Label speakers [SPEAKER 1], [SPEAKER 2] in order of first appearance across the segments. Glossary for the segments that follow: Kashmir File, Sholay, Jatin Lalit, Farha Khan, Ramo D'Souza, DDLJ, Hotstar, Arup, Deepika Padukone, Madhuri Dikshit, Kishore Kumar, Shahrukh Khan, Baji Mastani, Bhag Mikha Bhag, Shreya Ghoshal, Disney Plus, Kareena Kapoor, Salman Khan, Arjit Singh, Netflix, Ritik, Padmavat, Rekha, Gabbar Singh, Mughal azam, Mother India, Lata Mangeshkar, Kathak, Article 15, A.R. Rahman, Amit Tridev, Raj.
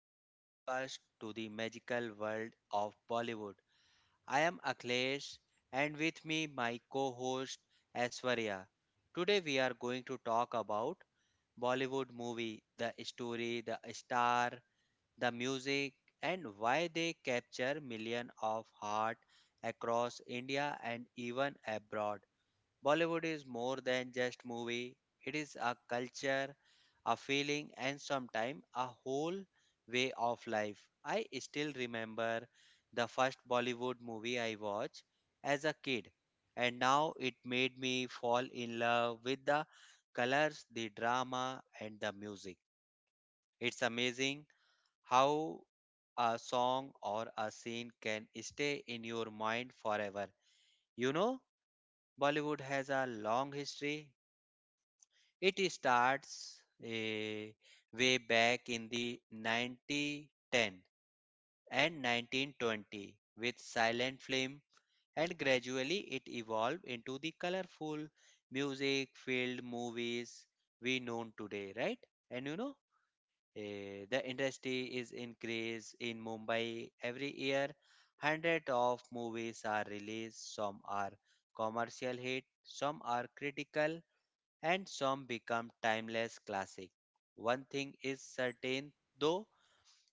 [SPEAKER 1] our podcast to the magical world of Bollywood. I am Akhilesh and with me my co-host Aishwarya. Today we are going to talk about Bollywood movie, the story, the star, the music and why they capture millions of heart across India and even abroad. Bollywood is more than just movie. It is a culture, a feeling and sometimes a whole way of life. I still remember the first Bollywood movie I watched as a kid and now it made me fall in love with the colors, the drama and the music. It's amazing how a song or a scene can stay in your mind forever. You know, Bollywood has a long history. It starts way back in the 1910 and 1920 with silent film, and gradually it evolved into the colorful music filled movies we know today, right? And the industry is increased in Mumbai every year. Hundreds of movies are released, some are commercial hit, some are critical and some become timeless classic. One thing is certain though,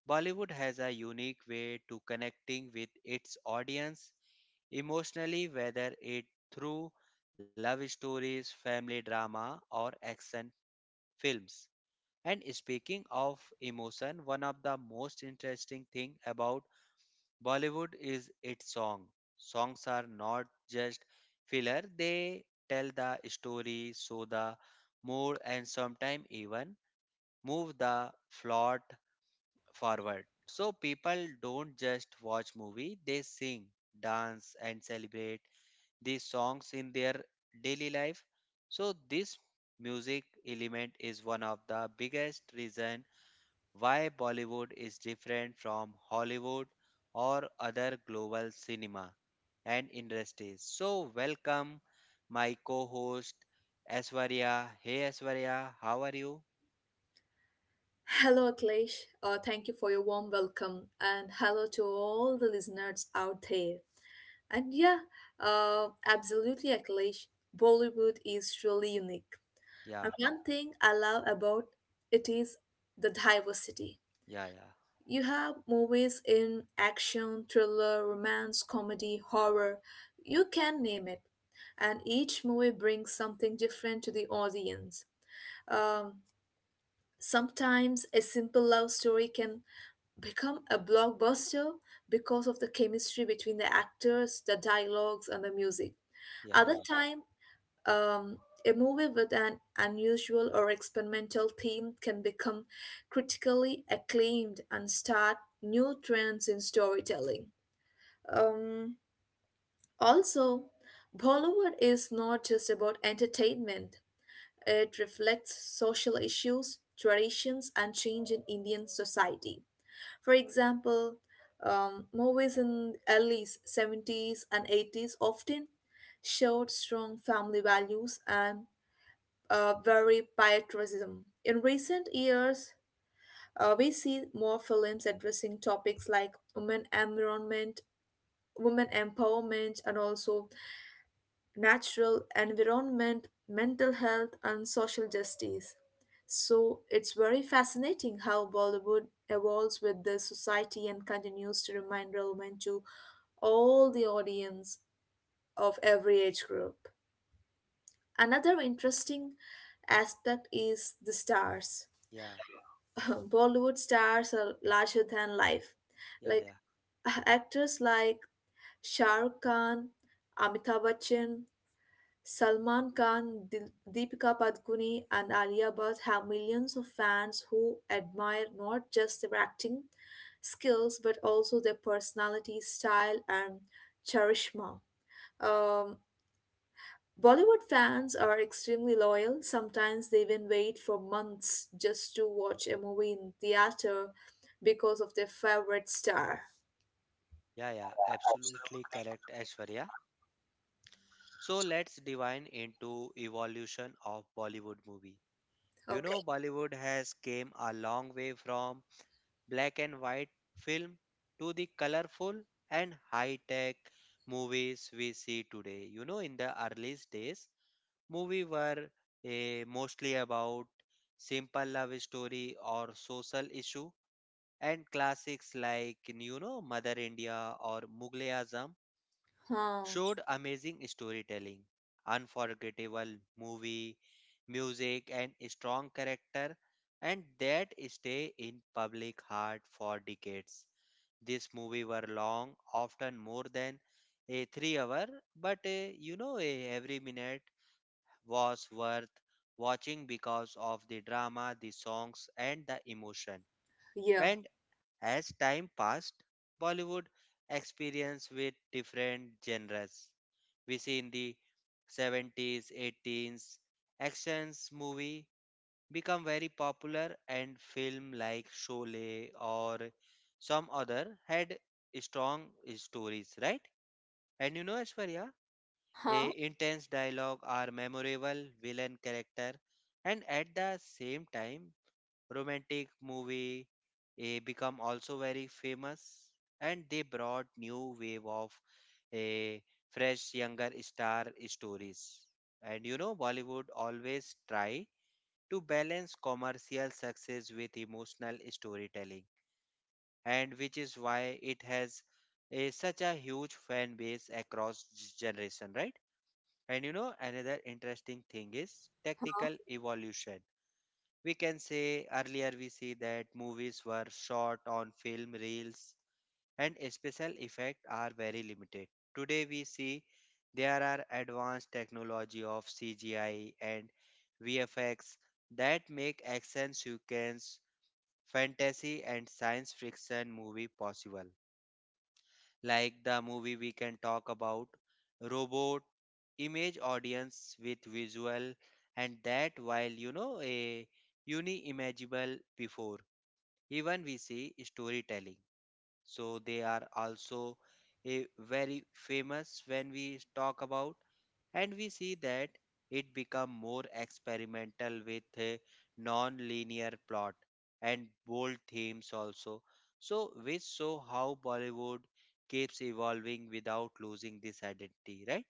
[SPEAKER 1] Bollywood has a unique way to connecting with its audience emotionally whether it through love stories, family drama or action films. And speaking of emotion, one of the most interesting thing about Bollywood is its song. Songs are not just filler, they tell the story, show the mood, and sometimes even move the plot forward. So people don't just watch movie, they sing, dance, and celebrate these songs in their daily life. So this music element is one of the biggest reason why Bollywood is different from Hollywood or other global cinema and industries. So, welcome my co host Aswarya. Hey Aswarya, how are you?
[SPEAKER 2] Hello, Aklesh. Thank you for your warm welcome, and hello to all the listeners out there. And yeah, absolutely, Aklesh. Bollywood is truly unique.
[SPEAKER 1] Yeah,
[SPEAKER 2] And one thing I love about it is the diversity.
[SPEAKER 1] yeah, yeah,
[SPEAKER 2] You have movies in action, thriller, romance, comedy, horror. You can name it. And each movie brings something different to the audience. Um, Sometimes a simple love story can become a blockbuster because of the chemistry between the actors, the dialogues, and the music.
[SPEAKER 1] yeah,
[SPEAKER 2] Other
[SPEAKER 1] yeah,
[SPEAKER 2] time, um, a movie with an unusual or experimental theme can become critically acclaimed and start new trends in storytelling. Um, Also, Bollywood is not just about entertainment. It reflects social issues, traditions, and change in Indian society. For example, movies in early 70s and 80s often showed strong family values and very patriotism. In recent years, we see more films addressing topics like women environment, women empowerment, and also natural environment, mental health, and social justice. So it's very fascinating how Bollywood evolves with the society and continues to remain relevant to all the audience of every age group. Another interesting aspect is the stars.
[SPEAKER 1] yeah,
[SPEAKER 2] Bollywood stars are larger than life.
[SPEAKER 1] yeah, yeah,
[SPEAKER 2] Like actors like Shah Rukh Khan, Amitabh Bachchan, Salman Khan, Deepika Padukone, and Alia Bhatt have millions of fans who admire not just their acting skills but also their personality, style, and charisma. Um, Bollywood fans are extremely loyal. Sometimes they even wait for months just to watch a movie in theater because of their favorite star.
[SPEAKER 1] yeah, yeah, absolutely correct, Ashwarya. So, let's divine into evolution of Bollywood movie.
[SPEAKER 2] Okay.
[SPEAKER 1] Bollywood has came a long way from black and white film to the colorful and high tech movies we see today. In the earliest days, movies were mostly about simple love story or social issue and classics like Mother India or Mughal azam
[SPEAKER 2] Huh.
[SPEAKER 1] showed amazing storytelling, unforgettable movie, music, and strong character, and that stay in public heart for decades. This movie were long, often more than a 3 hour, but every minute was worth watching because of the drama, the songs, and the emotion.
[SPEAKER 2] Yeah.
[SPEAKER 1] And as time passed, Bollywood experienced with different genres. We see in the 70s, 80s, actions movie become very popular and film like Sholay or some other had strong stories, right? And Ashwarya, a
[SPEAKER 2] Huh.
[SPEAKER 1] intense dialogue or memorable villain character and at the same time romantic movie become also very famous, and they brought new wave of a fresh younger star stories. And Bollywood always try to balance commercial success with emotional storytelling, and which is why it has a such a huge fan base across generation, right? And another interesting thing is technical evolution. We can say earlier we see that movies were shot on film reels and special effects are very limited. Today we see there are advanced technology of CGI and VFX that make action sequence, fantasy and science fiction movie possible, like the movie we can talk about robot image audience with visual, and that while a unimaginable before even we see storytelling. So they are also a very famous when we talk about, and we see that it become more experimental with a non-linear plot and bold themes also. So which show how Bollywood keeps evolving without losing this identity, right?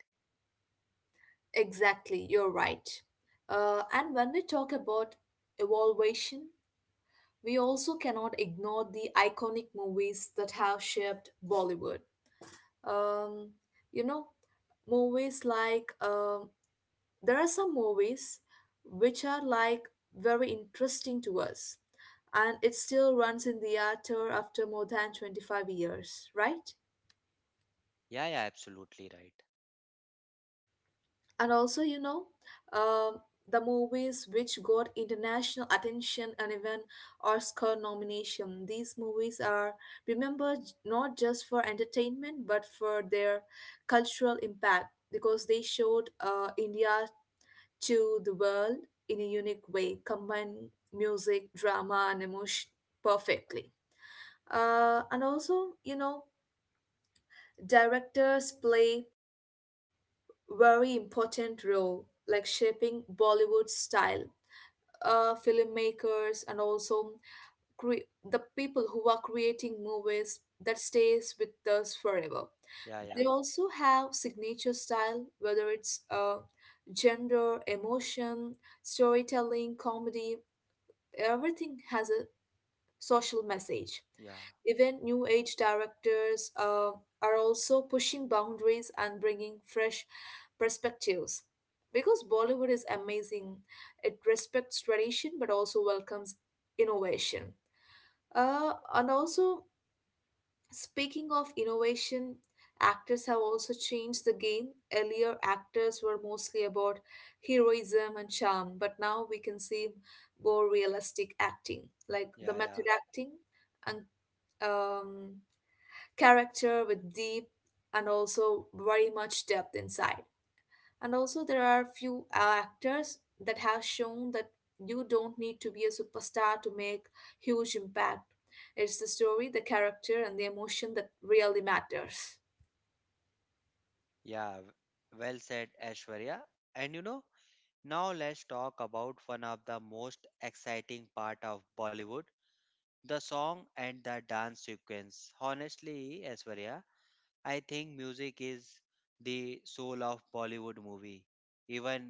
[SPEAKER 2] Exactly, you're right. And when we talk about evaluation, we also cannot ignore the iconic movies that have shaped Bollywood. Um, you know, movies like there are some movies which are like very interesting to us, and it still runs in the theater after more than 25 years, right?
[SPEAKER 1] Yeah, yeah, absolutely right.
[SPEAKER 2] And also, you know, um the movies which got international attention and even Oscar nomination. These movies are remembered not just for entertainment but for their cultural impact because they showed India to the world in a unique way, combined music, drama, and emotion perfectly. And also, you know, directors play very important role like shaping Bollywood style, filmmakers and also the people who are creating movies that stays with us forever.
[SPEAKER 1] Yeah,
[SPEAKER 2] They
[SPEAKER 1] yeah,
[SPEAKER 2] also have signature style, whether it's gender emotion, storytelling, comedy. Everything has a social message.
[SPEAKER 1] yeah,
[SPEAKER 2] Even new age directors are also pushing boundaries and bringing fresh perspectives. Because Bollywood is amazing, it respects tradition but also welcomes innovation. And also, speaking of innovation, actors have also changed the game. Earlier, actors were mostly about heroism and charm, but now we can see more realistic acting, like the
[SPEAKER 1] yeah, yeah,
[SPEAKER 2] method acting and um, character with deep and also very much depth inside. And also, there are few actors that have shown that you don't need to be a superstar to make huge impact. It's the story, the character, and the emotion that really matters.
[SPEAKER 1] yeah, well said, Ashwarya. And now let's talk about one of the most exciting part of Bollywood. The song and the dance sequence. Honestly, Aishwarya, I think music is the soul of Bollywood movie. Even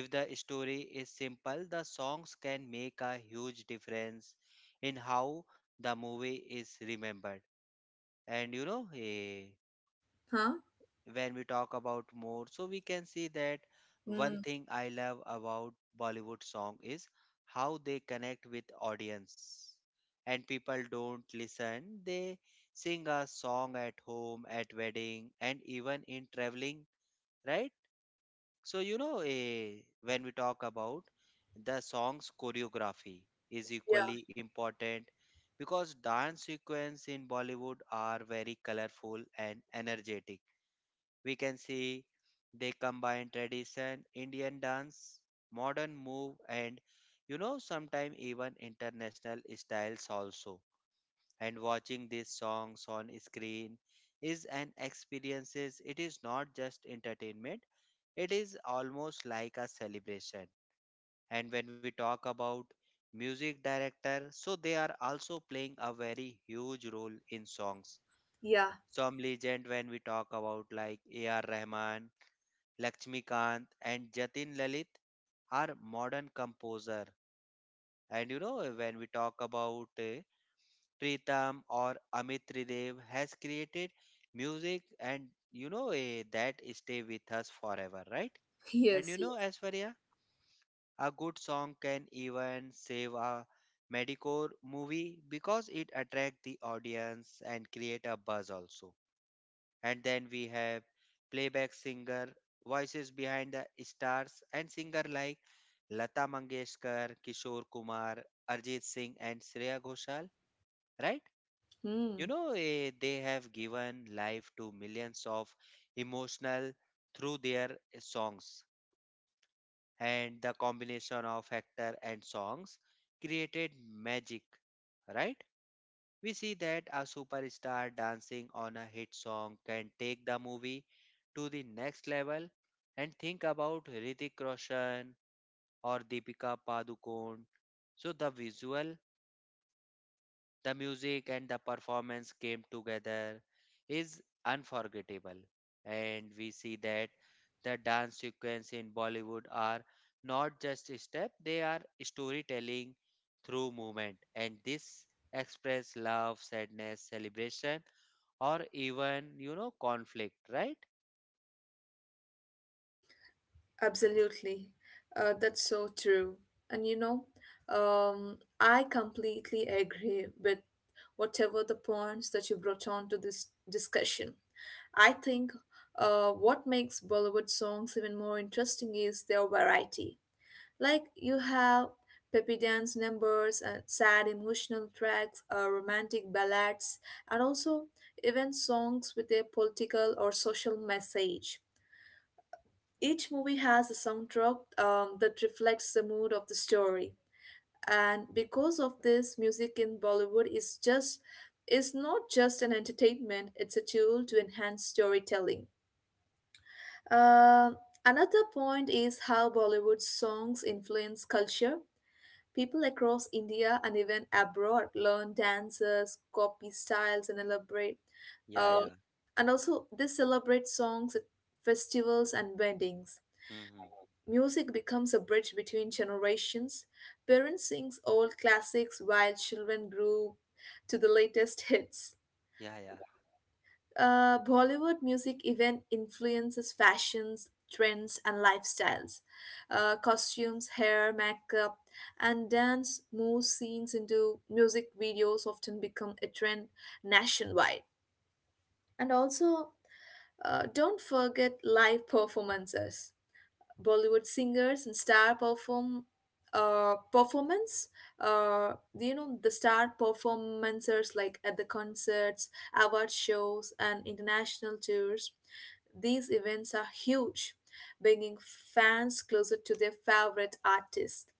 [SPEAKER 1] if the story is simple, the songs can make a huge difference in how the movie is remembered. And
[SPEAKER 2] Huh?
[SPEAKER 1] when we talk about more, so we can see that one
[SPEAKER 2] Mm.
[SPEAKER 1] thing I love about Bollywood song is how they connect with audience. And people don't listen, they sing a song at home, at wedding, and even in traveling, right? So when we talk about, the song's choreography is
[SPEAKER 2] Yeah.
[SPEAKER 1] equally important because dance sequence in Bollywood are very colorful and energetic. We can see they combine tradition, Indian dance, modern move, and sometimes even international styles also. And watching these songs on screen is an experiences. It is not just entertainment, it is almost like a celebration. And when we talk about music director, so they are also playing a very huge role in songs.
[SPEAKER 2] Yeah.
[SPEAKER 1] Some legend when we talk about, like A.R. Rahman, Lakshmikant and Jatin Lalit, are modern composer. And when we talk about Pritam or Amit Tridev has created music, and that stay with us forever, right? And
[SPEAKER 2] Yes. Yes.
[SPEAKER 1] Aishwarya, a good song can even save a medicore movie because it attract the audience and create a buzz also. And then we have playback singer, voices behind the stars, and singer like Lata Mangeshkar, Kishore Kumar, Arjit Singh, and Shreya Ghoshal, right?
[SPEAKER 2] Hmm.
[SPEAKER 1] They have given life to millions of emotional through their songs. And the combination of actor and songs created magic, right? We see that a superstar dancing on a hit song can take the movie to the next level, and think about Hrithik Roshan or Deepika Padukone. So the visual, the music and the performance came together is unforgettable. And we see that the dance sequence in Bollywood are not just a step, they are storytelling through movement, and this express love, sadness, celebration or even conflict, right?
[SPEAKER 2] Absolutely. That's so true. And you know, I completely agree with whatever the points that you brought on to this discussion. I think what makes Bollywood songs even more interesting is their variety. Like you have peppy dance numbers and sad emotional tracks, romantic ballads, and also even songs with a political or social message. Each movie has a soundtrack that reflects the mood of the story, and because of this, music in Bollywood is just is not just an entertainment; it's a tool to enhance storytelling. Uh, another point is how Bollywood songs influence culture. People across India and even abroad learn dances, copy styles, and elaborate.
[SPEAKER 1] Yeah,
[SPEAKER 2] Uh,
[SPEAKER 1] yeah.
[SPEAKER 2] and also, they celebrate songs at festivals and weddings.
[SPEAKER 1] Mm-hmm.
[SPEAKER 2] Music becomes a bridge between generations. Parents sing old classics while children grew to the latest hits.
[SPEAKER 1] Yeah, yeah.
[SPEAKER 2] Bollywood music even influences fashions, trends, and lifestyles. Costumes, hair, makeup, and dance moves scenes into music videos often become a trend nationwide. And also, don't forget live performances. Bollywood singers and star perform performance. You know the star performancers like at the concerts, award shows, and international tours. These events are huge, bringing fans closer to their favorite artist.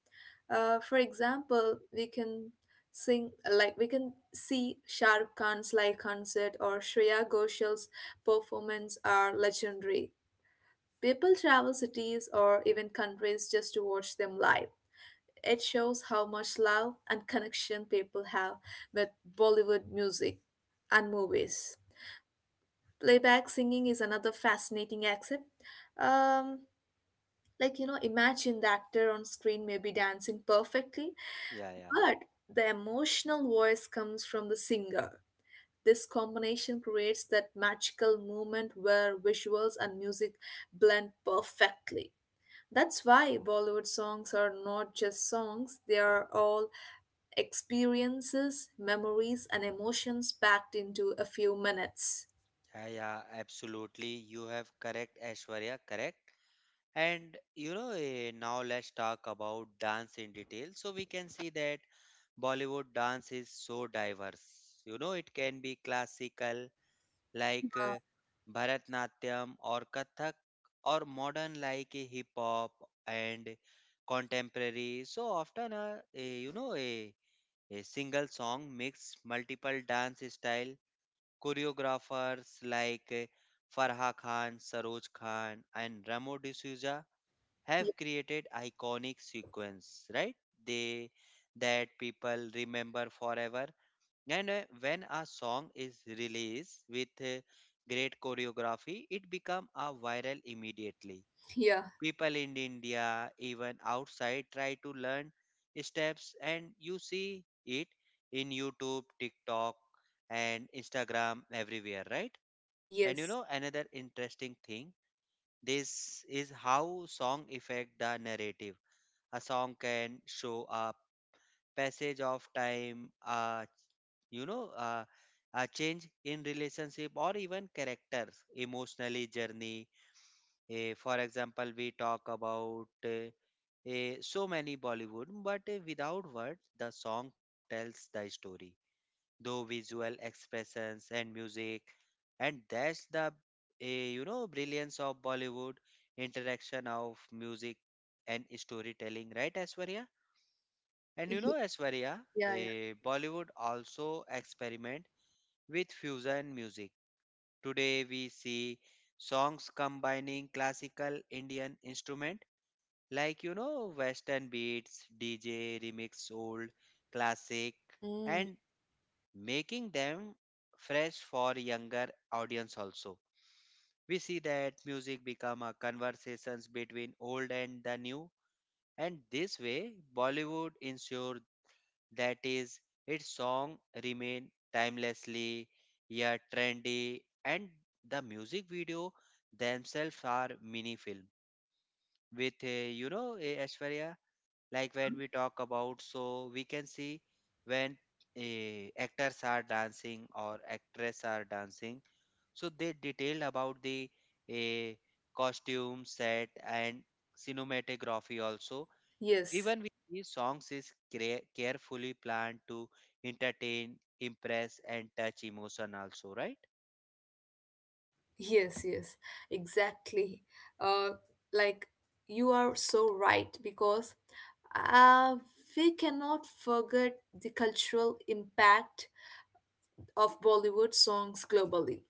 [SPEAKER 2] For example, we can sing like we can see Shah Rukh Khan's live concert or Shreya Ghoshal's performance are legendary. People travel cities or even countries just to watch them live. It shows how much love and connection people have with Bollywood music and movies. Playback singing is another fascinating aspect. Um, you know, imagine the actor on screen may be dancing perfectly,
[SPEAKER 1] Yeah, yeah.
[SPEAKER 2] but the emotional voice comes from the singer. This combination creates that magical moment where visuals and music blend perfectly. That's why Bollywood songs are not just songs, they are all experiences, memories, and emotions packed into a few minutes.
[SPEAKER 1] Yeah, yeah. Absolutely. You have correct, Aishwarya. Correct. And now let's talk about dance in detail. So we can see that Bollywood dance is so diverse. It can be classical like Bharatnatyam or Kathak, or modern like hip hop and contemporary. So often, eh, you know, a A single song mixed multiple dance style. Choreographers like Farha Khan, Saroj Khan and Ramo D'Souza
[SPEAKER 2] Y-
[SPEAKER 1] have created iconic sequence, right? They that people remember forever. And when a song is released with great choreography, it become a viral immediately.
[SPEAKER 2] Yeah,
[SPEAKER 1] People in India, even outside, try to learn steps, and you see it in YouTube, TikTok, and Instagram everywhere, right? And
[SPEAKER 2] yes.
[SPEAKER 1] another interesting thing this is how song affect the narrative. A song can show a passage of time, a you know uh, change in relationship or even characters emotionally journey. For example we talk about uh, so many Bollywood, but without words, the song tells the story. Though visual expressions and music, and that's the brilliance of Bollywood interaction of music and storytelling, right, Aswarya? And
[SPEAKER 2] Y-
[SPEAKER 1] Aswarya,
[SPEAKER 2] yeah, yeah.
[SPEAKER 1] Bollywood also experiment with fusion music. Today we see songs combining classical Indian instruments like western beats, DJ remix, old classic,
[SPEAKER 2] Mm,
[SPEAKER 1] and making them fresh for younger audience also. We see that music become a conversations between old and the new, and this way Bollywood ensure that is its song remain timelessly yet trendy. And the music video themselves are mini film with like when we talk about, so we can see when actors are dancing or actress are dancing, so they detailed about the eh, costume set and cinematography also.
[SPEAKER 2] yes,
[SPEAKER 1] Even with these songs is carefully planned to entertain, impress and touch emotion also, right?
[SPEAKER 2] yes, yes, exactly. Uh, like, you are so right because uh, we cannot forget the cultural impact of Bollywood songs globally.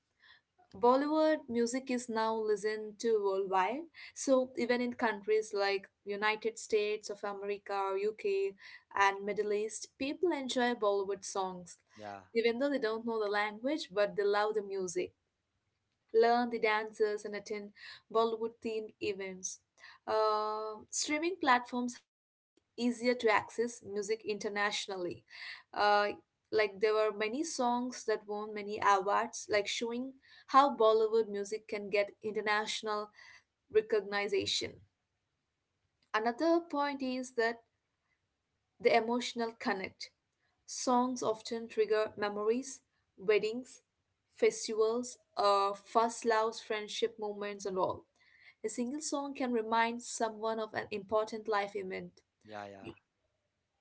[SPEAKER 2] Bollywood music is now listened to worldwide. So even in countries like United States of America, UK, and Middle East, people enjoy Bollywood songs,
[SPEAKER 1] Yeah,
[SPEAKER 2] even though they don't know the language, but they love the music, learn the dances, and attend Bollywood themed events. Streaming platforms have made it easier to access music internationally. Uh, like there were many songs that won many awards, like showing how Bollywood music can get international recognition. Another point is that the emotional connect. Songs often trigger memories, weddings, festivals, first loves, friendship moments, and all. A single song can remind someone of an important life event.
[SPEAKER 1] yeah, yeah,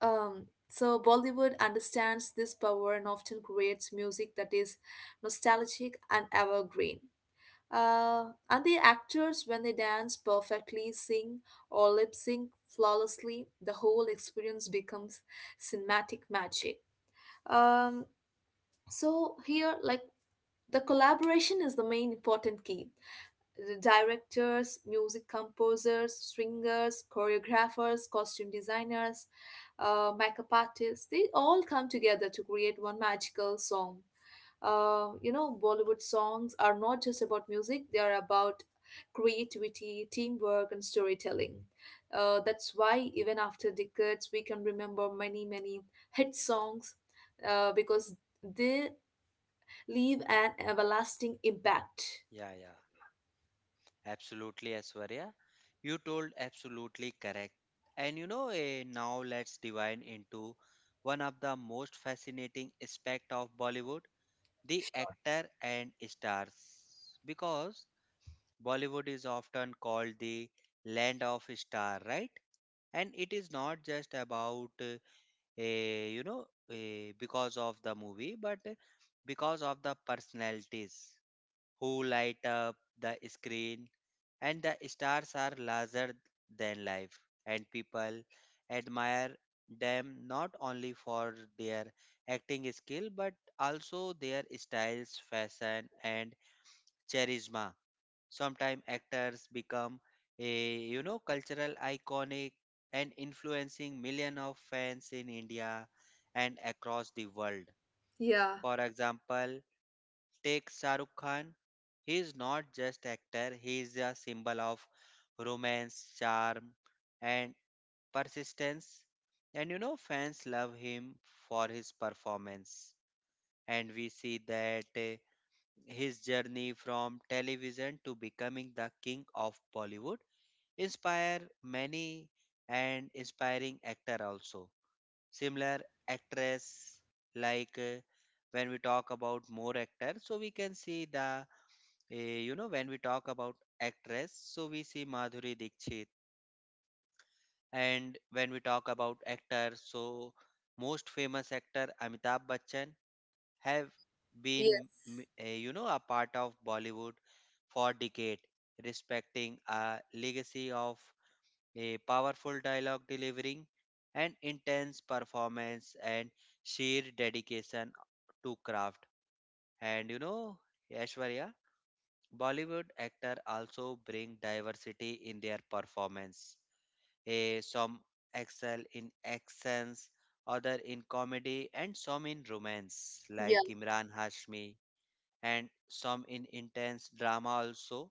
[SPEAKER 2] So Bollywood understands this power and often creates music that is nostalgic and evergreen. And the actors, when they dance perfectly, sing or lip sync flawlessly, the whole experience becomes cinematic magic. Um, so here, like the collaboration is the main important key. The directors, music composers, swingers, choreographers, costume designers, makeup artists, they all come together to create one magical song. You know, Bollywood songs are not just about music, they are about creativity, teamwork, and storytelling. That's why, even after decades, we can remember many, many hit songs because they leave an everlasting impact.
[SPEAKER 1] yeah, yeah. Absolutely, Aswarya. You told absolutely correct. And now let's divide into one of the most fascinating aspect of Bollywood, the actor and stars. Because Bollywood is often called the land of star, right? And it is not just about eh, you know because of the movie, but because of the personalities who light up the screen, and the stars are larger than life, and people admire them not only for their acting skill but also their styles, fashion, and charisma. Sometimes actors become a cultural iconic and influencing millions of fans in India and across the world.
[SPEAKER 2] Yeah,
[SPEAKER 1] For example, take Shahrukh Khan. He is not just actor, he is a symbol of romance, charm and persistence. And fans love him for his performance. And we see that his journey from television to becoming the king of Bollywood inspire many and inspiring actor also. Similar actress like when we talk about more actors, so we can see the. When we talk about actress, so we see Madhuri Dikshit. And when we talk about actor, most famous actor Amitabh Bachchan have been,
[SPEAKER 2] yes.
[SPEAKER 1] a part of Bollywood for decade, respecting a legacy of a powerful dialogue delivering and intense performance and sheer dedication to craft. And you know, Aishwarya, Bollywood actors also bring diversity in their performance. Eh, some excel in accents, other in comedy, and some in romance,
[SPEAKER 2] Yeah.
[SPEAKER 1] like Imran Hashmi, and some in intense drama also.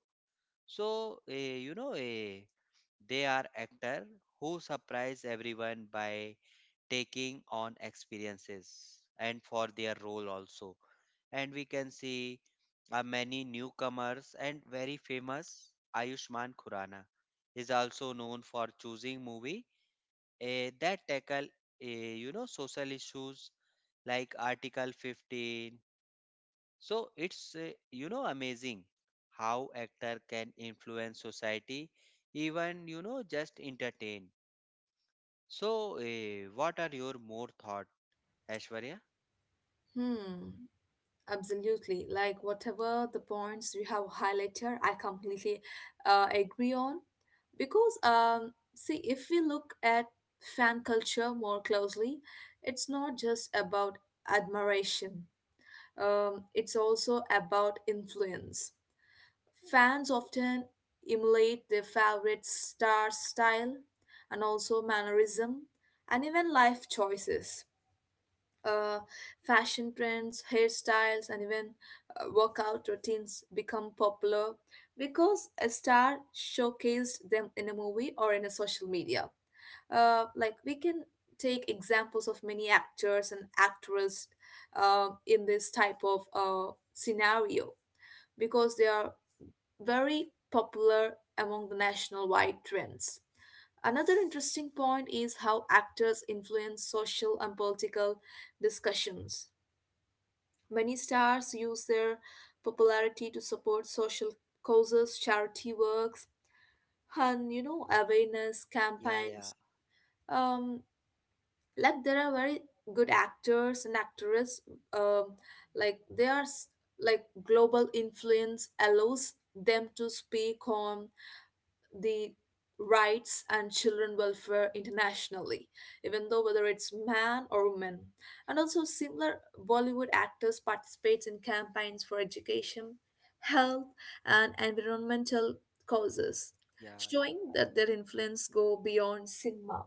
[SPEAKER 1] So eh, you know, eh, they are actors who surprise everyone by taking on experiences and for their role also, and we can see many newcomers and very famous Ayushman Khurrana is also known for choosing movie that tackle, social issues like Article 15. It's amazing how actor can influence society even you know just entertain. So, what are your more thought, Ashwarya?
[SPEAKER 2] Hmm, absolutely. Like whatever the points you have highlighted, I completely agree on. Because see, if we look at fan culture more closely, it's not just about admiration. It's also about influence. Fans often emulate their favorite star's style and also mannerism and even life choices, uh, fashion trends, hairstyles, and even workout routines become popular because a star showcased them in a movie or in a social media. Like we can take examples of many actors and actresses in this type of scenario because they are very popular among the national wide trends. Another interesting point is how actors influence social and political discussions. Many stars use their popularity to support social causes, charity works, and you know awareness
[SPEAKER 1] Yeah, yeah,
[SPEAKER 2] campaigns. Um, like there are very good actors and actresses. Um, like they are s- like global influence allows them to speak on the rights and children welfare internationally, even though whether it's man or woman. And also similar Bollywood actors participates in campaigns for education, health, and environmental causes,
[SPEAKER 1] yeah, yeah.
[SPEAKER 2] showing that their influence go beyond cinema.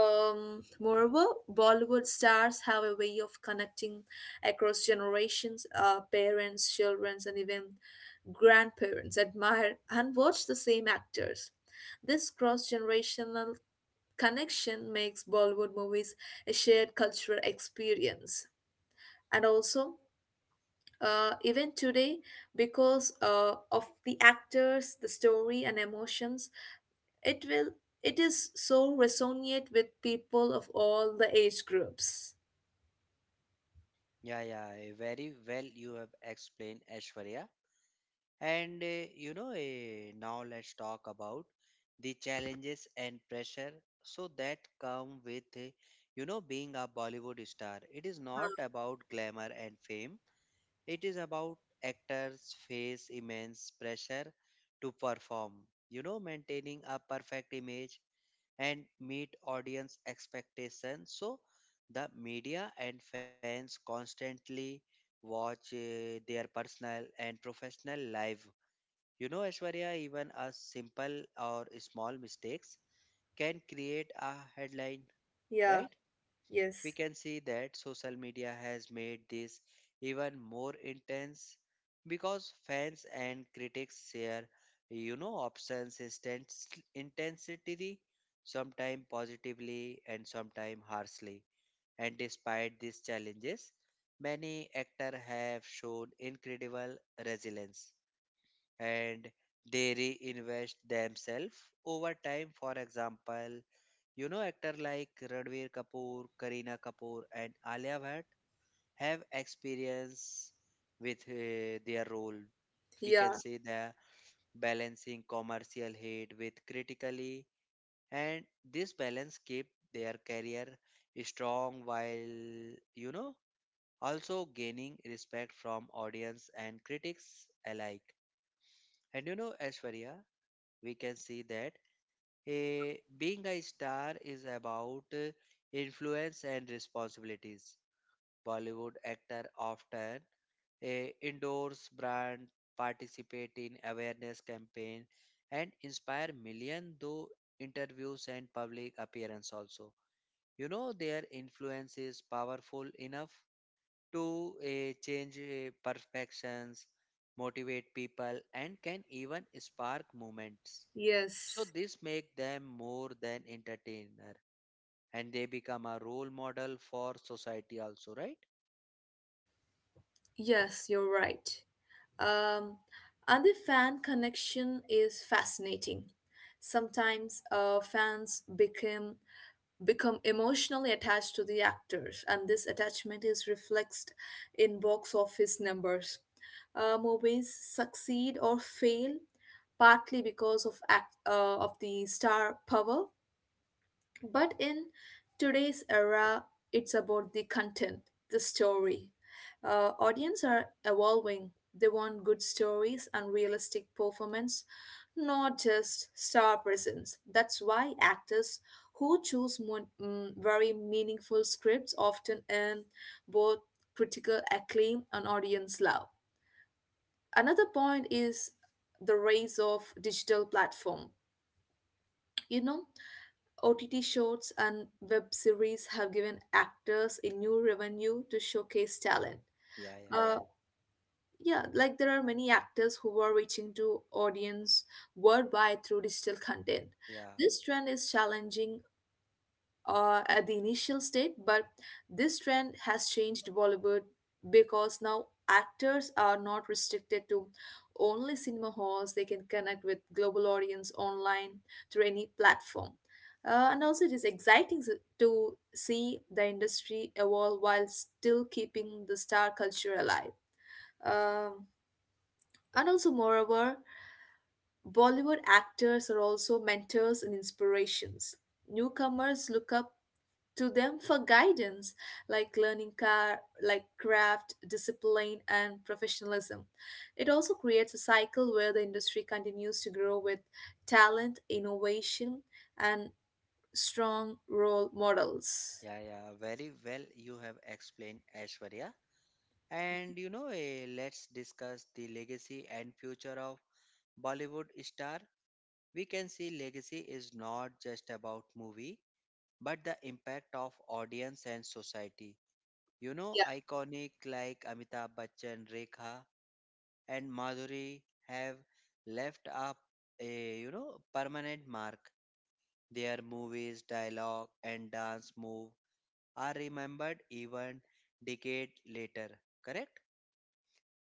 [SPEAKER 2] Moreover, Bollywood stars have a way of connecting across generations. Parents, children, and even grandparents admire and watch the same actors. This cross generational connection makes Bollywood movies a shared cultural experience. And also, even today, because of the actors, the story, and emotions, it will it is so resonate with people of all the age groups.
[SPEAKER 1] Yeah, yeah, very well you have explained, Ashwarya. And now let's talk about the challenges and pressure that come with, you know, being a Bollywood star. It is not about glamour and fame. It is about actors face immense pressure to perform. You know, maintaining a perfect image and meet audience expectations. So the media and fans constantly watch their personal and professional life. You know, Ashwarya, even a simple or small mistakes can create a headline,
[SPEAKER 2] Yeah,
[SPEAKER 1] right? We
[SPEAKER 2] yes.
[SPEAKER 1] can see that social media has made this even more intense because fans and critics share you know options intensity sometimes positively and sometimes harshly, and despite these challenges many actors have shown incredible resilience and they reinvest themselves over time. For example, you know, actors like Ranveer Kapoor, Kareena Kapoor, and Alia Bhatt have experience with their role. We can
[SPEAKER 2] Yeah,
[SPEAKER 1] say the balancing commercial hit with critically, and this balance keep their career strong while you know also gaining respect from audience and critics alike. And you know, Ashwarya, we can see that being a star is about influence and responsibilities. Bollywood actors often endorse brand, participate in awareness campaign, and inspire million through interviews and public appearance also. You know their influence is powerful enough to change perfections, motivate people, and can even spark movements. So
[SPEAKER 2] yes.
[SPEAKER 1] this make them more than entertainer, and they become a role model for society also, right?
[SPEAKER 2] Yes, you're right. Um, and the fan connection is fascinating. Sometimes fans become emotionally attached to the actors, and this attachment is reflexed in box office numbers. Movies succeed or fail partly because of of the star power, but in today's era, it's about the content, the story. Audience are evolving. They want good stories and realistic performance, not just star presence. That's why actors who choose very meaningful scripts often earn both critical acclaim and audience love. Another point is the rise of digital platform. You know, OTT shorts and web series have given actors a new revenue to showcase talent.
[SPEAKER 1] Yeah, yeah,
[SPEAKER 2] Uh, yeah, like there are many actors who are reaching to audience worldwide through digital content.
[SPEAKER 1] yeah,
[SPEAKER 2] This trend is challenging at the initial state, but this trend has changed Bollywood because now actors are not restricted to only cinema halls. They can connect with global audience online through any platform. And also, it is exciting to see the industry evolve while still keeping the star culture alive. Um, and also, moreover, Bollywood actors are also mentors and inspirations. Newcomers look up to them for guidance, like learning car like craft, discipline, and professionalism. It also creates a cycle where the industry continues to grow with talent, innovation, and strong role models.
[SPEAKER 1] yeah, yeah. Very well, you have explained, Ashwarya. And you know, let's discuss the legacy and future of Bollywood star. We can see legacy is not just about movie, but the impact of audience and society. You know,
[SPEAKER 2] Yeah.
[SPEAKER 1] iconic like Amitabh Bachchan, Rekha, and Madhuri have left up a you know permanent mark. Their movies, dialogue, and dance move are remembered even decade later. Correct?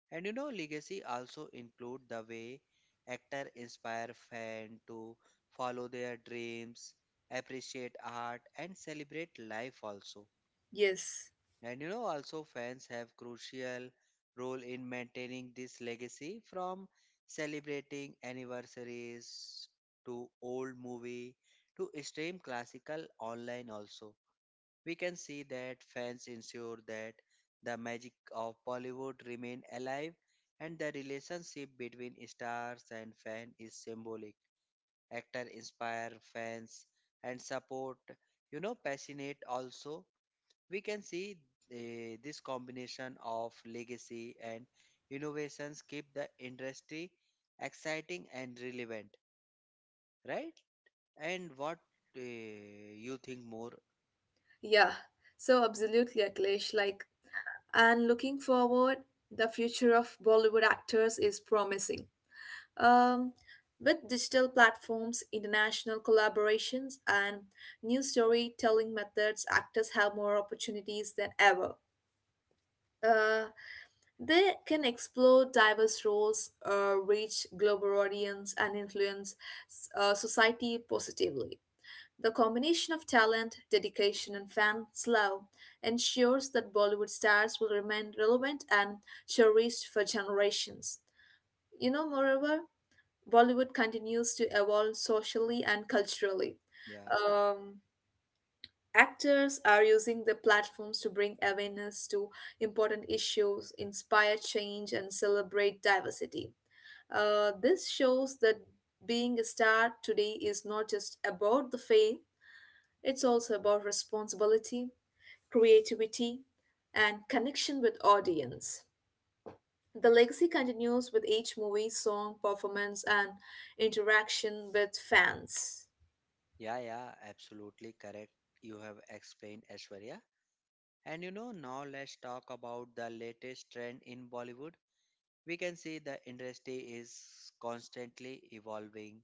[SPEAKER 1] And you know, legacy also include the way actor inspire fan to follow their dreams, appreciate art, and celebrate life also.
[SPEAKER 2] Yes.
[SPEAKER 1] And you know, also fans have crucial role in maintaining this legacy from celebrating anniversaries to old movie to stream classical online also. We can see that fans ensure that the magic of Bollywood remain alive and the relationship between stars and fan is symbolic. Actor inspire fans and support, you know, passionate also. We can see this combination of legacy and innovations keep the industry exciting and relevant, right? And what, you think more?
[SPEAKER 2] Yeah. So absolutely, Akhilesh. And looking forward, the future of Bollywood actors is promising. Um, with digital platforms, international collaborations, and new storytelling methods, actors have more opportunities than ever. Uh, they can explore diverse roles, reach global audience, and influence society positively. The combination of talent, dedication, and fans' love ensures that Bollywood stars will remain relevant and cherished for generations. You know, moreover, Bollywood continues to evolve socially and culturally.
[SPEAKER 1] Yeah,
[SPEAKER 2] Um, Actors are using the platforms to bring awareness to important issues, inspire change, and celebrate diversity. This shows that being a star today is not just about the fame, it's also about responsibility, creativity, and connection with audience. The legacy continues with each movie, song, performance, and interaction with fans.
[SPEAKER 1] yeah, yeah, absolutely correct, you have explained, Ashwarya. And you know, now let's talk about the latest trend in Bollywood. We can see the industry is constantly evolving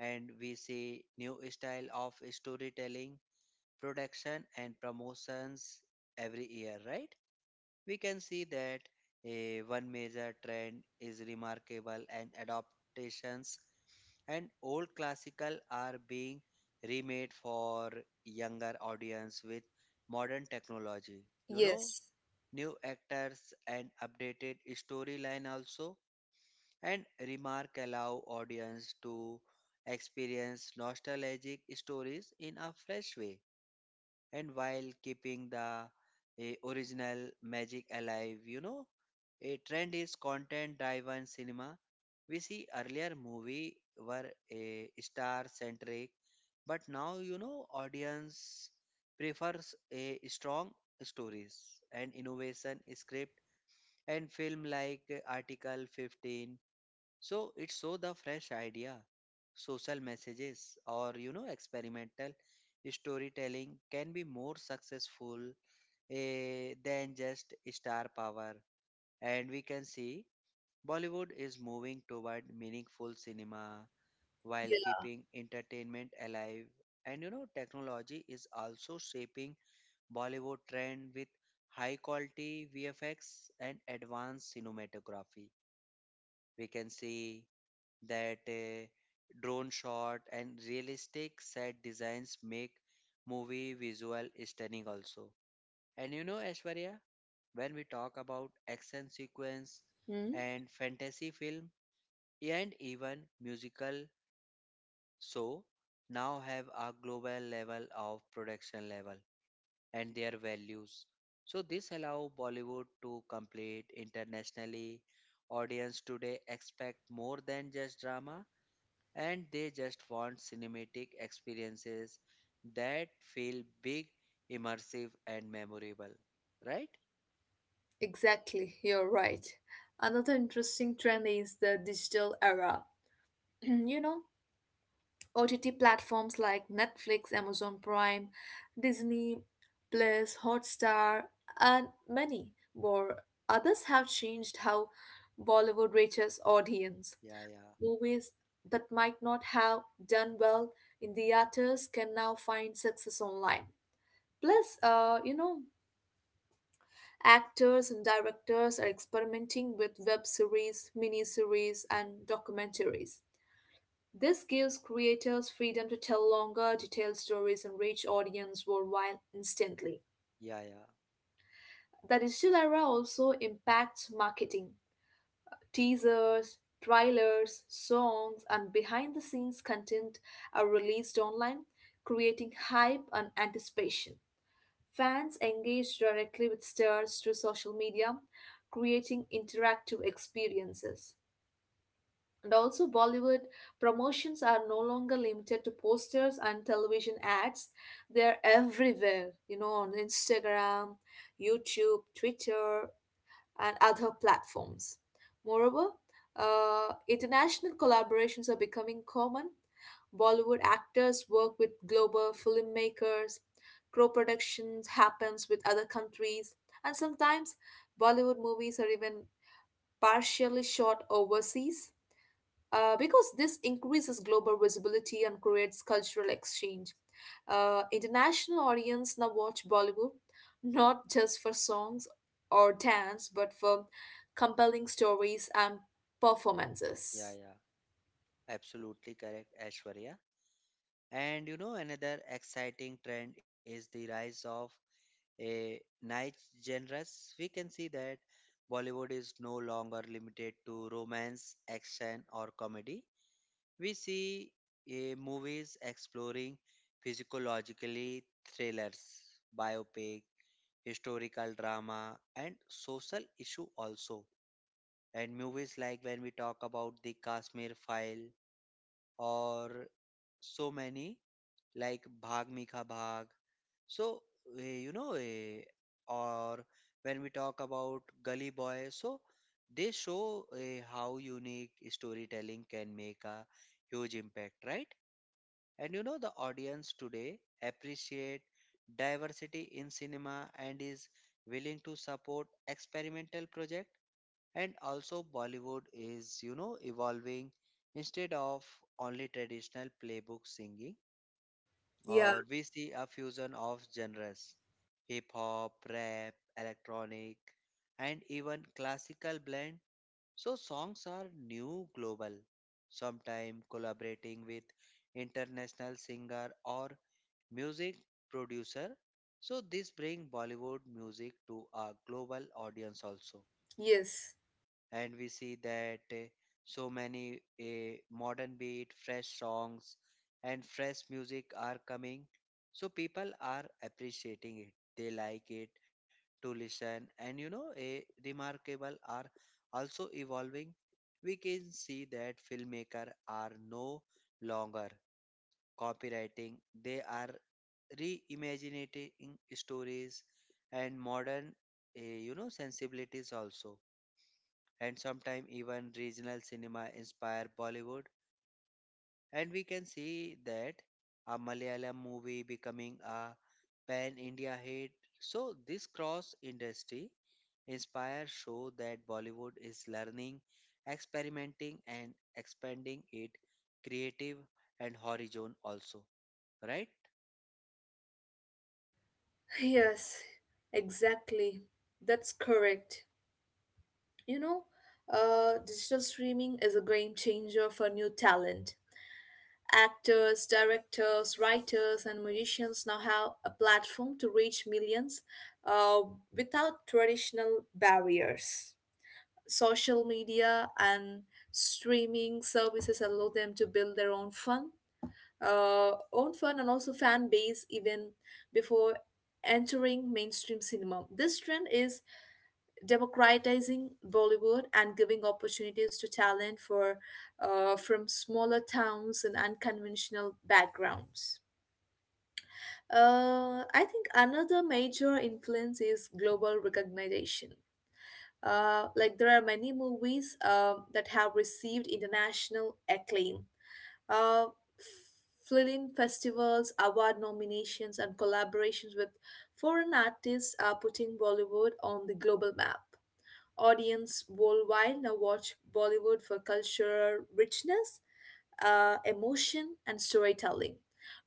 [SPEAKER 1] and we see new style of storytelling, production and promotions every year, right? We can see that a one major trend is remarkable and adaptations, and old classical are being remade for younger audience with modern technology. You know,
[SPEAKER 2] Yes.
[SPEAKER 1] new actors and updated storyline also, and remark allow audience to experience nostalgic stories in a fresh way and while keeping the original magic alive. You know, a trend is content driven cinema. We see earlier movie were a star centric, but now you know audience prefers a strong stories and innovation script and film like Article 15. So, the fresh idea, social messages, or you know, experimental storytelling can be more successful than just star power. And we can see Bollywood is moving toward meaningful cinema while
[SPEAKER 2] Yeah.
[SPEAKER 1] keeping entertainment alive. And you know, technology is also shaping Bollywood trend with high quality VFX and advanced cinematography. We can see that drone shot and realistic set designs make movie visual stunning also. And you know, Ashwarya, when we talk about action sequence
[SPEAKER 2] Hmm?
[SPEAKER 1] and fantasy film and even musical, so now have a global level of production level and their values. So this allow Bollywood to compete internationally. Audience today expect more than just drama and they just want cinematic experiences that feel big, immersive, and memorable. Right?
[SPEAKER 2] Exactly. You're right. Another interesting trend is the digital era. You know, OTT platforms like Netflix, Amazon Prime, Disney, Plus, Hotstar, and many more. Others have changed how Bollywood reaches audience.
[SPEAKER 1] Yeah, yeah,
[SPEAKER 2] Movies that might not have done well in the theaters can now find success online. Plus, you know, actors and directors are experimenting with web series, miniseries, and documentaries. This gives creators freedom to tell longer, detailed stories and reach audience worldwide instantly.
[SPEAKER 1] yeah, yeah,
[SPEAKER 2] The digital era also impacts marketing. Teasers, trailers, songs, and behind the scenes content are released online, creating hype and anticipation. Fans engage directly with stars through social media, creating interactive experiences. And also, Bollywood promotions are no longer limited to posters and television ads. They're everywhere, you know, on Instagram, YouTube, Twitter, and other platforms. Moreover, international collaborations are becoming common. Bollywood actors work with global filmmakers, co productions happens with other countries, and sometimes Bollywood movies are even partially shot overseas, because this increases global visibility and creates cultural exchange. International audience now watch Bollywood not just for songs or dance, but for compelling stories and
[SPEAKER 1] yeah,
[SPEAKER 2] performances.
[SPEAKER 1] yeah. Absolutely correct, Ashwarya. And you know, another exciting trend is the rise of a niche genres. We can see that Bollywood is no longer limited to romance, action, or comedy. We see movies exploring physiologically thrillers, biopic, historical drama, and social issue also. And movies like when we talk about the Kashmir File, or so many like Bhag Mikha Bhag. So eh, you know, eh, or when we talk about Gully Boy, so they show how unique storytelling can make a huge impact, right? And you know the audience today appreciate diversity in cinema and is willing to support experimental project, and also Bollywood is you know evolving. Instead of only traditional playbook singing,
[SPEAKER 2] Yeah,
[SPEAKER 1] or we see a fusion of genres, hip hop, rap, electronic, and even classical blend, so songs are new global, sometimes collaborating with international singer or music producer. So this bring Bollywood music to a global audience also,
[SPEAKER 2] yes,
[SPEAKER 1] and we see that so many modern beat, fresh songs and fresh music are coming, so people are appreciating it. They like it to listen, and you know a remarkable are also evolving. We can see that filmmaker are no longer copywriting. They are reimagining stories and modern, you know, sensibilities also, and sometimes even regional cinema inspire Bollywood. And we can see that a Malayalam movie becoming a pan India hit. So, this cross industry inspire show that Bollywood is learning, experimenting, and expanding it creative and horizon also, right?
[SPEAKER 2] yes, exactly. That's correct. You know, digital streaming is a game changer for new talent. Actors, directors, writers, and musicians now have a platform to reach millions uh, without traditional barriers. Social media and streaming services allow them to build own fun, and also fan base even before entering mainstream cinema. This trend is democratizing Bollywood and giving opportunities to talent for from smaller towns and unconventional backgrounds. I think another major influence is global recognition. Like, there are many movies that have received international acclaim. Uh, Film festivals, award nominations, and collaborations with foreign artists are putting Bollywood on the global map. Audience worldwide now watch Bollywood for cultural richness, emotion, and storytelling,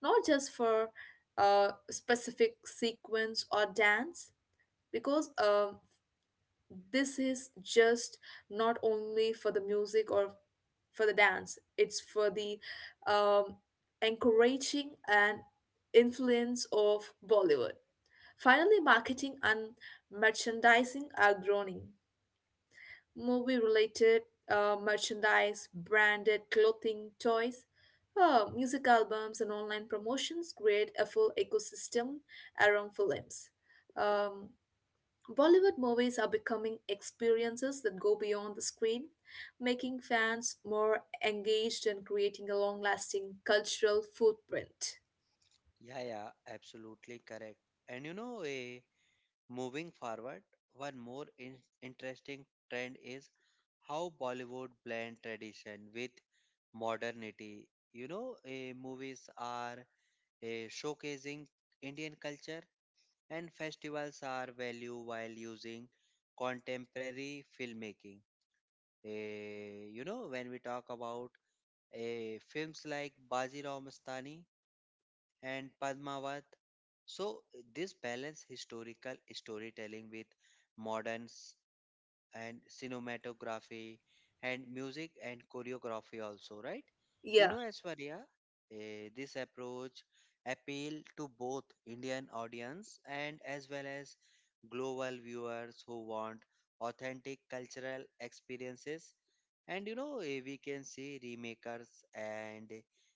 [SPEAKER 2] not just for a specific sequence or dance. Because this is just not only for the music or for the dance, it's for the um, encouraging and influence of Bollywood. Finally, marketing and merchandising are growing. Movie related merchandise, branded clothing, toys, music albums, and online promotions create a full ecosystem around films. Um, Bollywood movies are becoming experiences that go beyond the screen, making fans more engaged and creating a long lasting cultural footprint.
[SPEAKER 1] Yeah, yeah, absolutely correct. And you know, Moving forward, one more interesting trend is how Bollywood blend tradition with modernity. You know, movies are showcasing Indian culture, and festivals are value while using contemporary filmmaking. Eh, you know, when we talk about films like Baji Mastani and Padmavat. So this balance historical storytelling with modern and cinematography and music and choreography also, right? You
[SPEAKER 2] Yeah,
[SPEAKER 1] know, Aishwarya, this approach appeal to both Indian audience and as well as global viewers who want authentic cultural experiences. And you know, we can see remakers and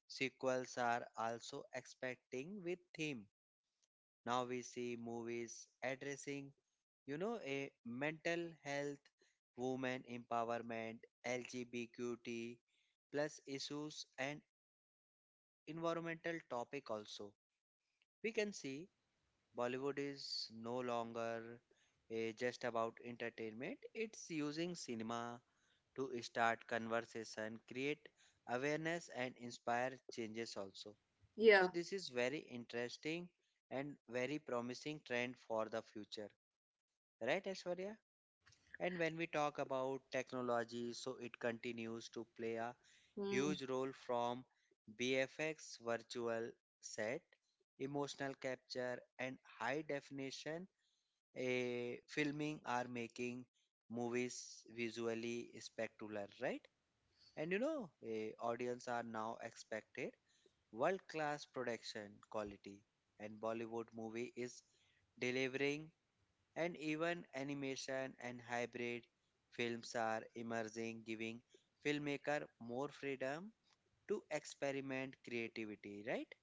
[SPEAKER 1] sequels are also expecting with theme. Now we see movies addressing you know a mental health, women empowerment, lgbtq plus issues and environmental topic also. We can see Bollywood is no longer just about entertainment. It's using cinema to start conversation, create awareness and inspire changes also. So
[SPEAKER 2] yeah.
[SPEAKER 1] this is very interesting and very promising trend for the future, right, Ashwarya? And when we talk about technology, so it continues to play a
[SPEAKER 2] Mm,
[SPEAKER 1] huge role from BFX, virtual set, emotional capture, and high definition filming are making movies visually spectacular, right? And you know, audience are now expected world class production quality, and Bollywood movie is delivering, and even animation and hybrid films are emerging, giving filmmaker more freedom to experiment creativity, right?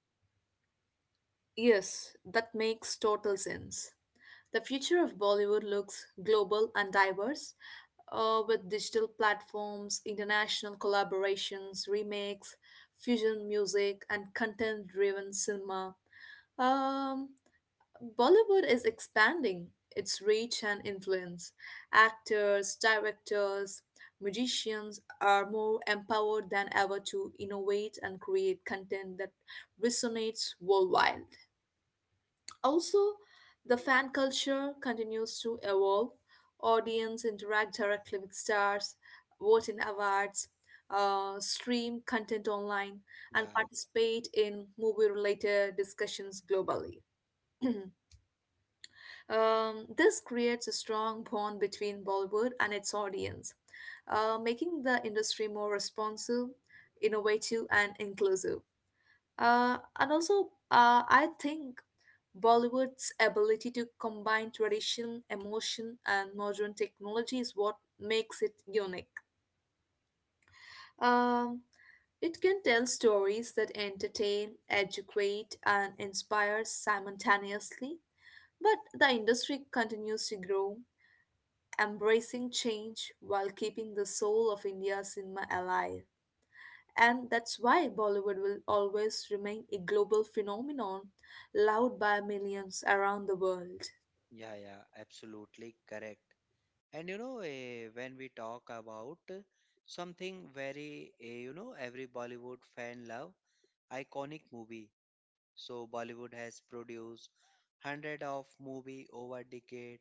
[SPEAKER 2] yes, that makes total sense. The future of Bollywood looks global and diverse, with digital platforms, international collaborations, remakes, fusion music, and content driven cinema. Um, Bollywood is expanding its reach and influence. Actors, directors, magicians are more empowered than ever to innovate and create content that resonates worldwide. Also, the fan culture continues to evolve. Audience interact directly with stars, vote in awards, stream content online, and
[SPEAKER 1] Yeah,
[SPEAKER 2] participate in movie-related discussions globally. This creates a strong bond between Bollywood and its audience, making the industry more responsive, innovative, and inclusive. And also, I think Bollywood's ability to combine tradition, emotion, and modern technology is what makes it unique. Um, it can tell stories that entertain, educate, and inspire simultaneously. But the industry continues to grow, embracing change while keeping the soul of India's cinema alive. And that's why Bollywood will always remain a global phenomenon, loved by millions around the world.
[SPEAKER 1] yeah, yeah, absolutely correct. And you know, when we talk about something very you know, every Bollywood fan love iconic movie. So Bollywood has produced hundred of movie over decade,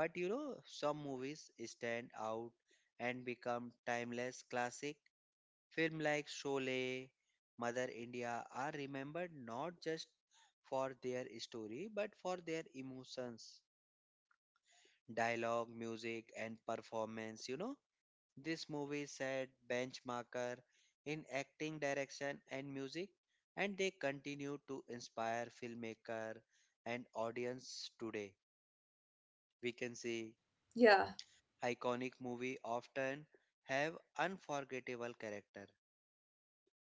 [SPEAKER 1] but you know some movies stand out and become timeless classic. Film like Sholay, Mother India are remembered not just for their story but for their emotions, dialogue, music, and performance. You know this movie set benchmarker in acting, direction, and music, and they continue to inspire filmmaker and audience today. We can see
[SPEAKER 2] Yeah,
[SPEAKER 1] iconic movie often have unforgettable character.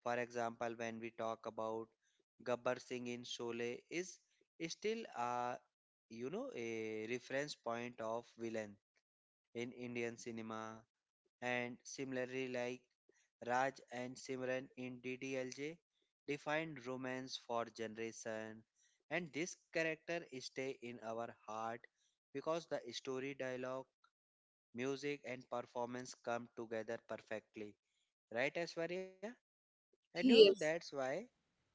[SPEAKER 1] For example, when we talk about Gabbar Singh in Sholay is still a you know a reference point of villain in Indian cinema, and similarly like Raj and Simran in DDLJ defined romance for generation, and this character stay in our heart because the story, dialogue, music and performance come together perfectly, right, Ashwarya? And you know that's
[SPEAKER 2] yes,
[SPEAKER 1] why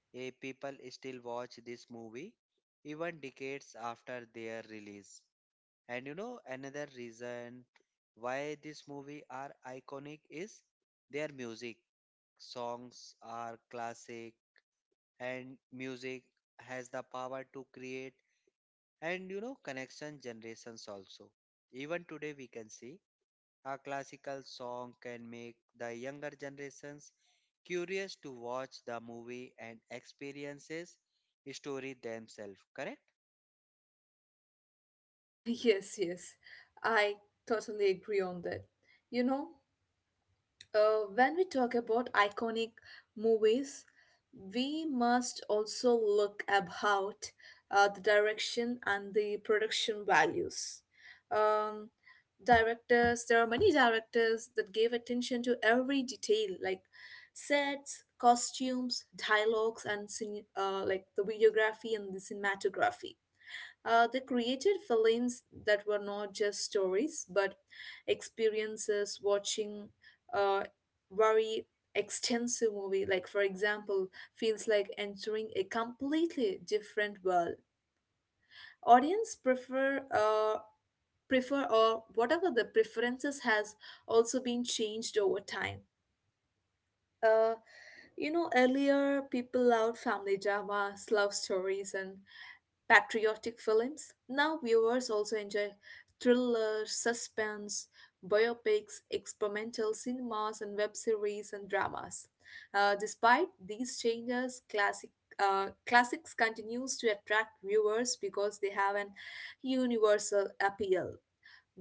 [SPEAKER 1] people still watch this movie even decades after their release. And you know, another reason why this movie are iconic is their music. Songs are classic, and music has the power to create and you know connection generations also. Even today we can see a classical song can make the younger generations curious to watch the movie and experiences story themselves, correct?
[SPEAKER 2] yes, yes. I totally agree on that. You know, when we talk about iconic movies, we must also look about the direction and the production values. Um, Directors, there are many directors that gave attention to every detail, like sets, costumes, dialogues, and like the videography and the cinematography. They created films that were not just stories but experiences. Watching a very extensive movie, like for example, feels like entering a completely different world. Audience prefer, or whatever the preferences has, also been changed over time. uh, you know, earlier people loved family dramas, love stories, and patriotic films. Now viewers also enjoy thriller, suspense, biopics, experimental cinemas, and web series and dramas. Despite these changes, classics continues to attract viewers because they have an universal appeal.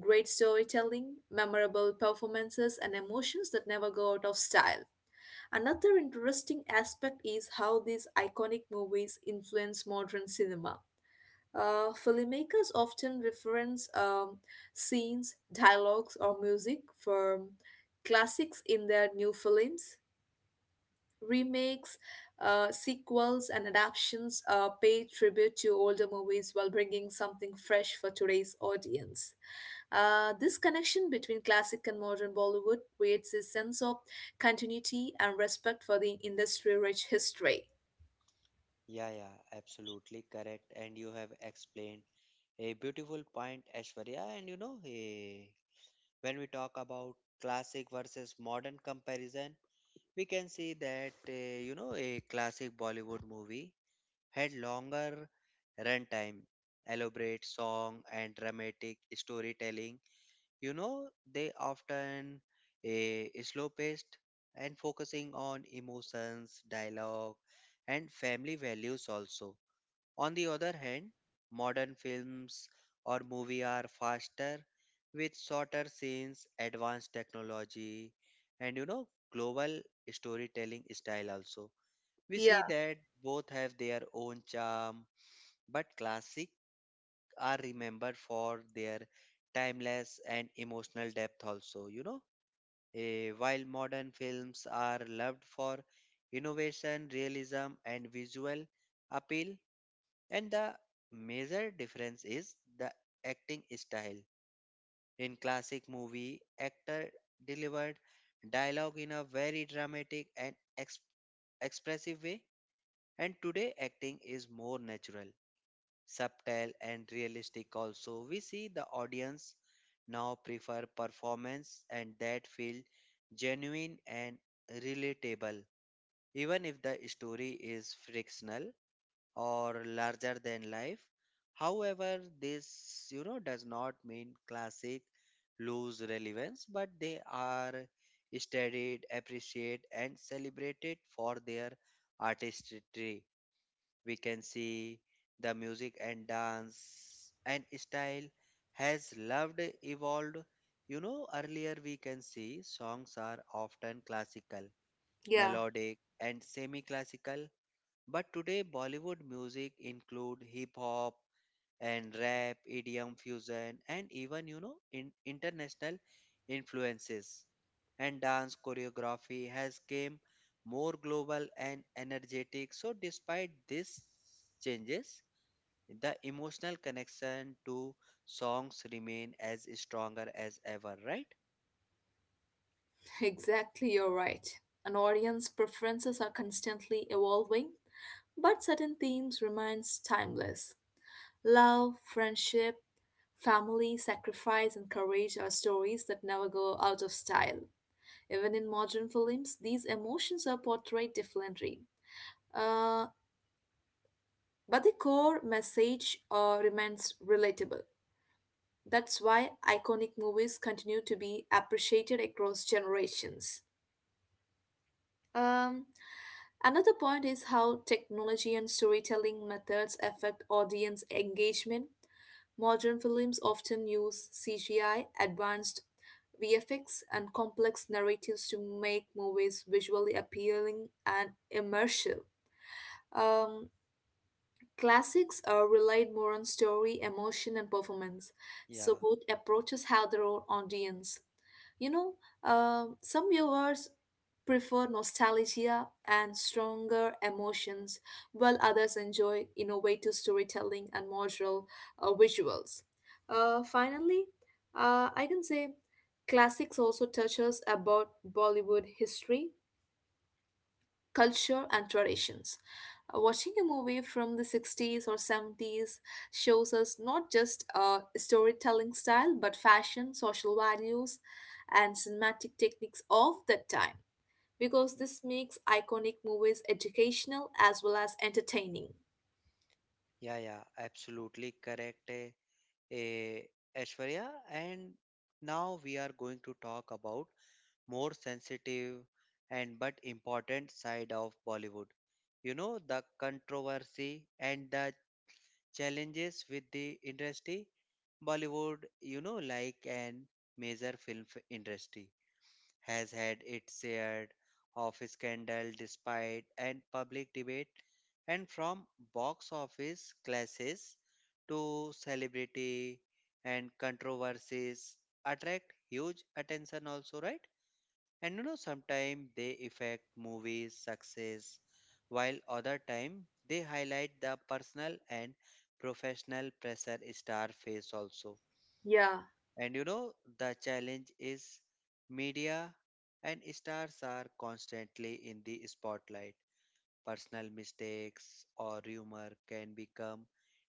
[SPEAKER 2] Great storytelling, memorable performances, and emotions that never go out of style. Another interesting aspect is how these iconic movies influence modern cinema. Filmmakers often reference scenes, dialogues, or music from classics in their new films. Remakes, sequels, and adaptations pay tribute to older movies while bringing something fresh for today's audience. This connection between classic and modern Bollywood creates a sense of continuity and respect for the industry rich history.
[SPEAKER 1] Yeah, yeah, absolutely correct. And you have explained a beautiful point, Ashwarya. And you know, when we talk about classic versus modern comparison, we can see that you know a classic Bollywood movie had longer runtime, elaborate song and dramatic storytelling. You know, they often slow paced and focusing on emotions, dialogue, and family values also. On the other hand, modern films or movie are faster with shorter scenes, advanced technology, and you know, global storytelling style also. We
[SPEAKER 2] Yeah,
[SPEAKER 1] see that both have their own charm, but classic are remembered for their timeless and emotional depth also, you know. While modern films are loved for innovation, realism, and visual appeal, and the major difference is the acting style. In classic movie, actor delivered dialogue in a very dramatic and expressive way, and today acting is more natural, subtle and realistic also. We see the audience now prefer performance and that feel genuine and relatable even if the story is frictional or larger than life. However, this you know does not mean classic lose relevance, but they are studied, appreciated, and celebrated for their artistry. We can see the music and dance and style has loved evolved. You know, earlier we can see songs are often classical,
[SPEAKER 2] yeah.
[SPEAKER 1] melodic, and semi classical, but today Bollywood music include hip hop and rap, EDM fusion and even you know in international influences. And dance choreography has came more global and energetic. So despite these changes, the emotional connection to songs remain as stronger as ever, right?
[SPEAKER 2] Exactly, you're right. An audience preferences are constantly evolving, but certain themes remains timeless. Love, friendship, family, sacrifice, and courage are stories that never go out of style. Even in modern films, these emotions are portrayed differently. Uh, but the core message remains relatable. That's why iconic movies continue to be appreciated across generations. Um, Another point is how technology and storytelling methods affect audience engagement. Modern films often use CGI, advanced VFX, and complex narratives to make movies visually appealing and immersive. Um, Classics are relied more on story, emotion, and performance,
[SPEAKER 1] Yeah,
[SPEAKER 2] so both approaches have their own audience. You know, some viewers prefer nostalgia and stronger emotions, while others enjoy innovative storytelling and modular visuals. Finally, I can say classics also touches about Bollywood history, culture, and traditions. Watching a movie from the 60s or 70s shows us not just storytelling style but fashion, social values, and cinematic techniques of that time, because this makes iconic movies educational as well as entertaining.
[SPEAKER 1] yeah, yeah, absolutely correct. Eh. eh, Aishwarya, and now we are going to talk about more sensitive and but important side of Bollywood. You know the controversy and the challenges with the industry. Bollywood, you know, like an major film industry has had its share of scandal, despite and public debate, and from box office clashes to celebrity and controversies attract huge attention also, right? And you know sometimes they affect movies success while other time they highlight the personal and professional pressure star face also.
[SPEAKER 2] Yeah,
[SPEAKER 1] And you know, the challenge is media and stars are constantly in the spotlight. Personal mistakes or rumor can become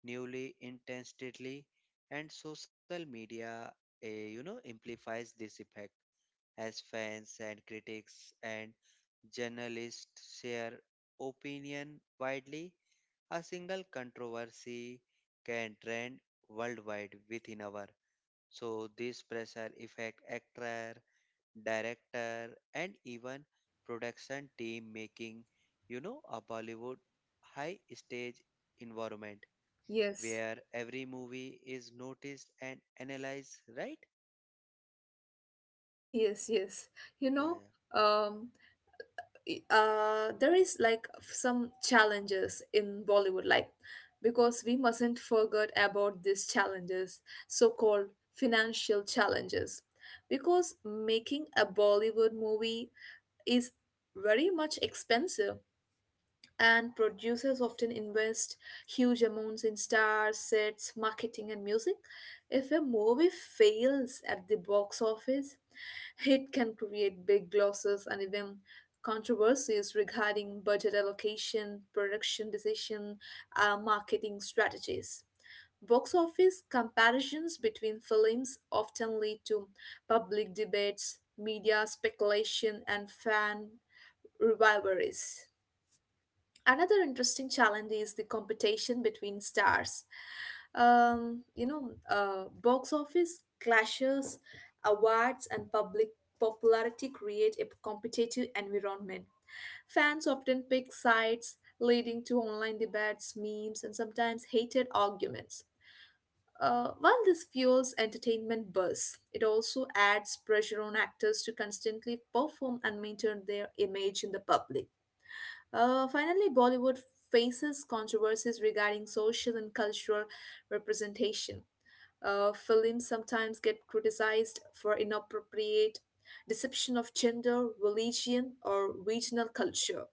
[SPEAKER 1] newly intensely, and social media, you know, amplifies this effect as fans and critics and journalists share opinion widely. A single controversy can trend worldwide within hour, so this pressure affect actor, director, and even production team, making you know a Bollywood high stage environment
[SPEAKER 2] yes,
[SPEAKER 1] where every movie is noticed and analyzed. Right?
[SPEAKER 2] yes, yes. You know,
[SPEAKER 1] Yeah,
[SPEAKER 2] um, there is like some challenges in Bollywood, like, because we mustn't forget about these challenges, so called financial challenges. Because making a Bollywood movie is very much expensive, and producers often invest huge amounts in stars, sets, marketing, and music. If a movie fails at the box office, it can create big losses and even controversies regarding budget allocation, production decision, marketing strategies. Box office comparisons between films often lead to public debates, media speculation, and fan rivalries. Another interesting challenge is the competition between stars. You know, box office clashes, awards, and public popularity create a competitive environment. Fans often pick sides, leading to online debates, memes, and sometimes hated arguments. While this fuels entertainment buzz, it also adds pressure on actors to constantly perform and maintain their image in the public. Finally, Bollywood faces controversies regarding social and cultural representation. Films sometimes get criticized for inappropriate deception of gender, religion, or regional culture.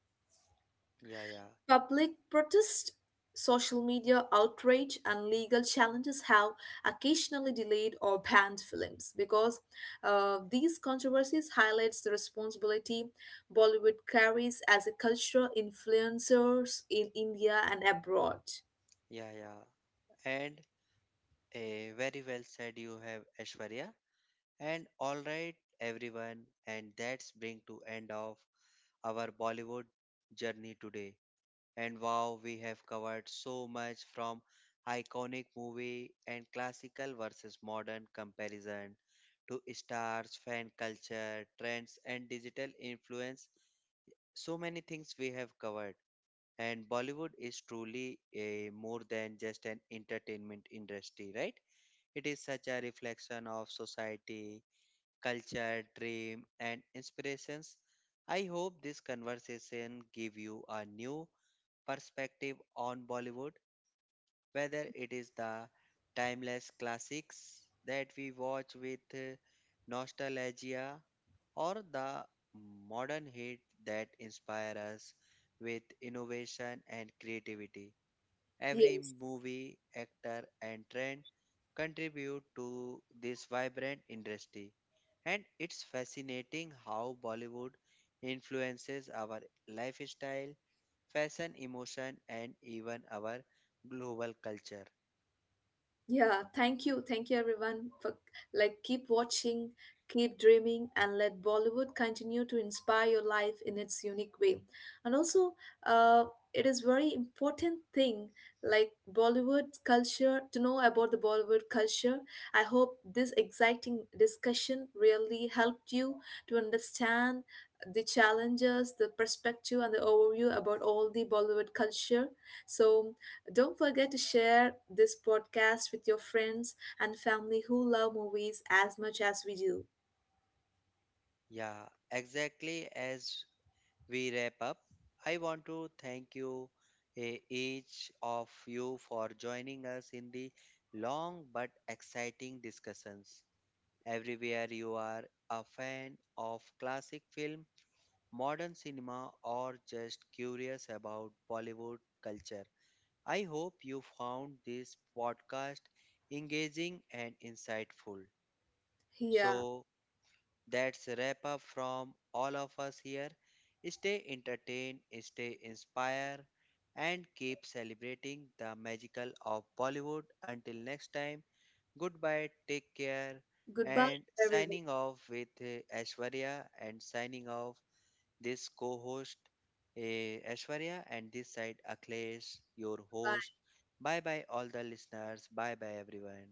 [SPEAKER 1] yeah, yeah, yeah,
[SPEAKER 2] Public protest, social media outrage, and legal challenges have occasionally delayed or banned films, because these controversies highlights the responsibility Bollywood carries as a cultural influencers in India and abroad.
[SPEAKER 1] yeah, yeah. And a very well said you have, Ashwarya. And all right, everyone, and that's bring to end of our Bollywood journey today. And wow, we have covered so much from iconic movie and classical versus modern comparison to stars, fan culture, trends, and digital influence. So many things we have covered. And Bollywood is truly a more than just an entertainment industry, right? It is such a reflection of society, culture, dream, and inspirations. I hope this conversation give you a new perspective on Bollywood, whether it is the timeless classics that we watch with nostalgia or the modern hit that inspire us with innovation and creativity. Every
[SPEAKER 2] Yes.
[SPEAKER 1] movie, actor, and trend contribute to this vibrant industry. And it's fascinating how Bollywood influences our lifestyle, fashion, emotion, and even our global culture.
[SPEAKER 2] Yeah, thank you. Thank you everyone for like keep watching, keep dreaming, and let Bollywood continue to inspire your life in its unique way. And also, uh it is very important thing, like Bollywood culture, to know about the Bollywood culture. I hope this exciting discussion really helped you to understand the challenges, the perspective, and the overview about all the Bollywood culture. So don't forget to share this podcast with your friends and family who love movies as much as we do.
[SPEAKER 1] Yeah, exactly. As we wrap up, I want to thank you, each of you, for joining us in the long but exciting discussions. Everywhere you are a fan of classic film, modern cinema, or just curious about Bollywood culture, I hope you found this podcast engaging and insightful.
[SPEAKER 2] Yeah.
[SPEAKER 1] So that's a wrap up from all of us here. Stay entertained, stay inspired, and keep celebrating the magical of Bollywood. Until next time, goodbye, take care,
[SPEAKER 2] Goodbye,
[SPEAKER 1] and
[SPEAKER 2] everyone.
[SPEAKER 1] signing off with Aishwarya, and signing off this co host Ashwarya, and this side Akhilesh, your
[SPEAKER 2] Bye.
[SPEAKER 1] host. Bye bye, all the listeners. Bye bye, everyone.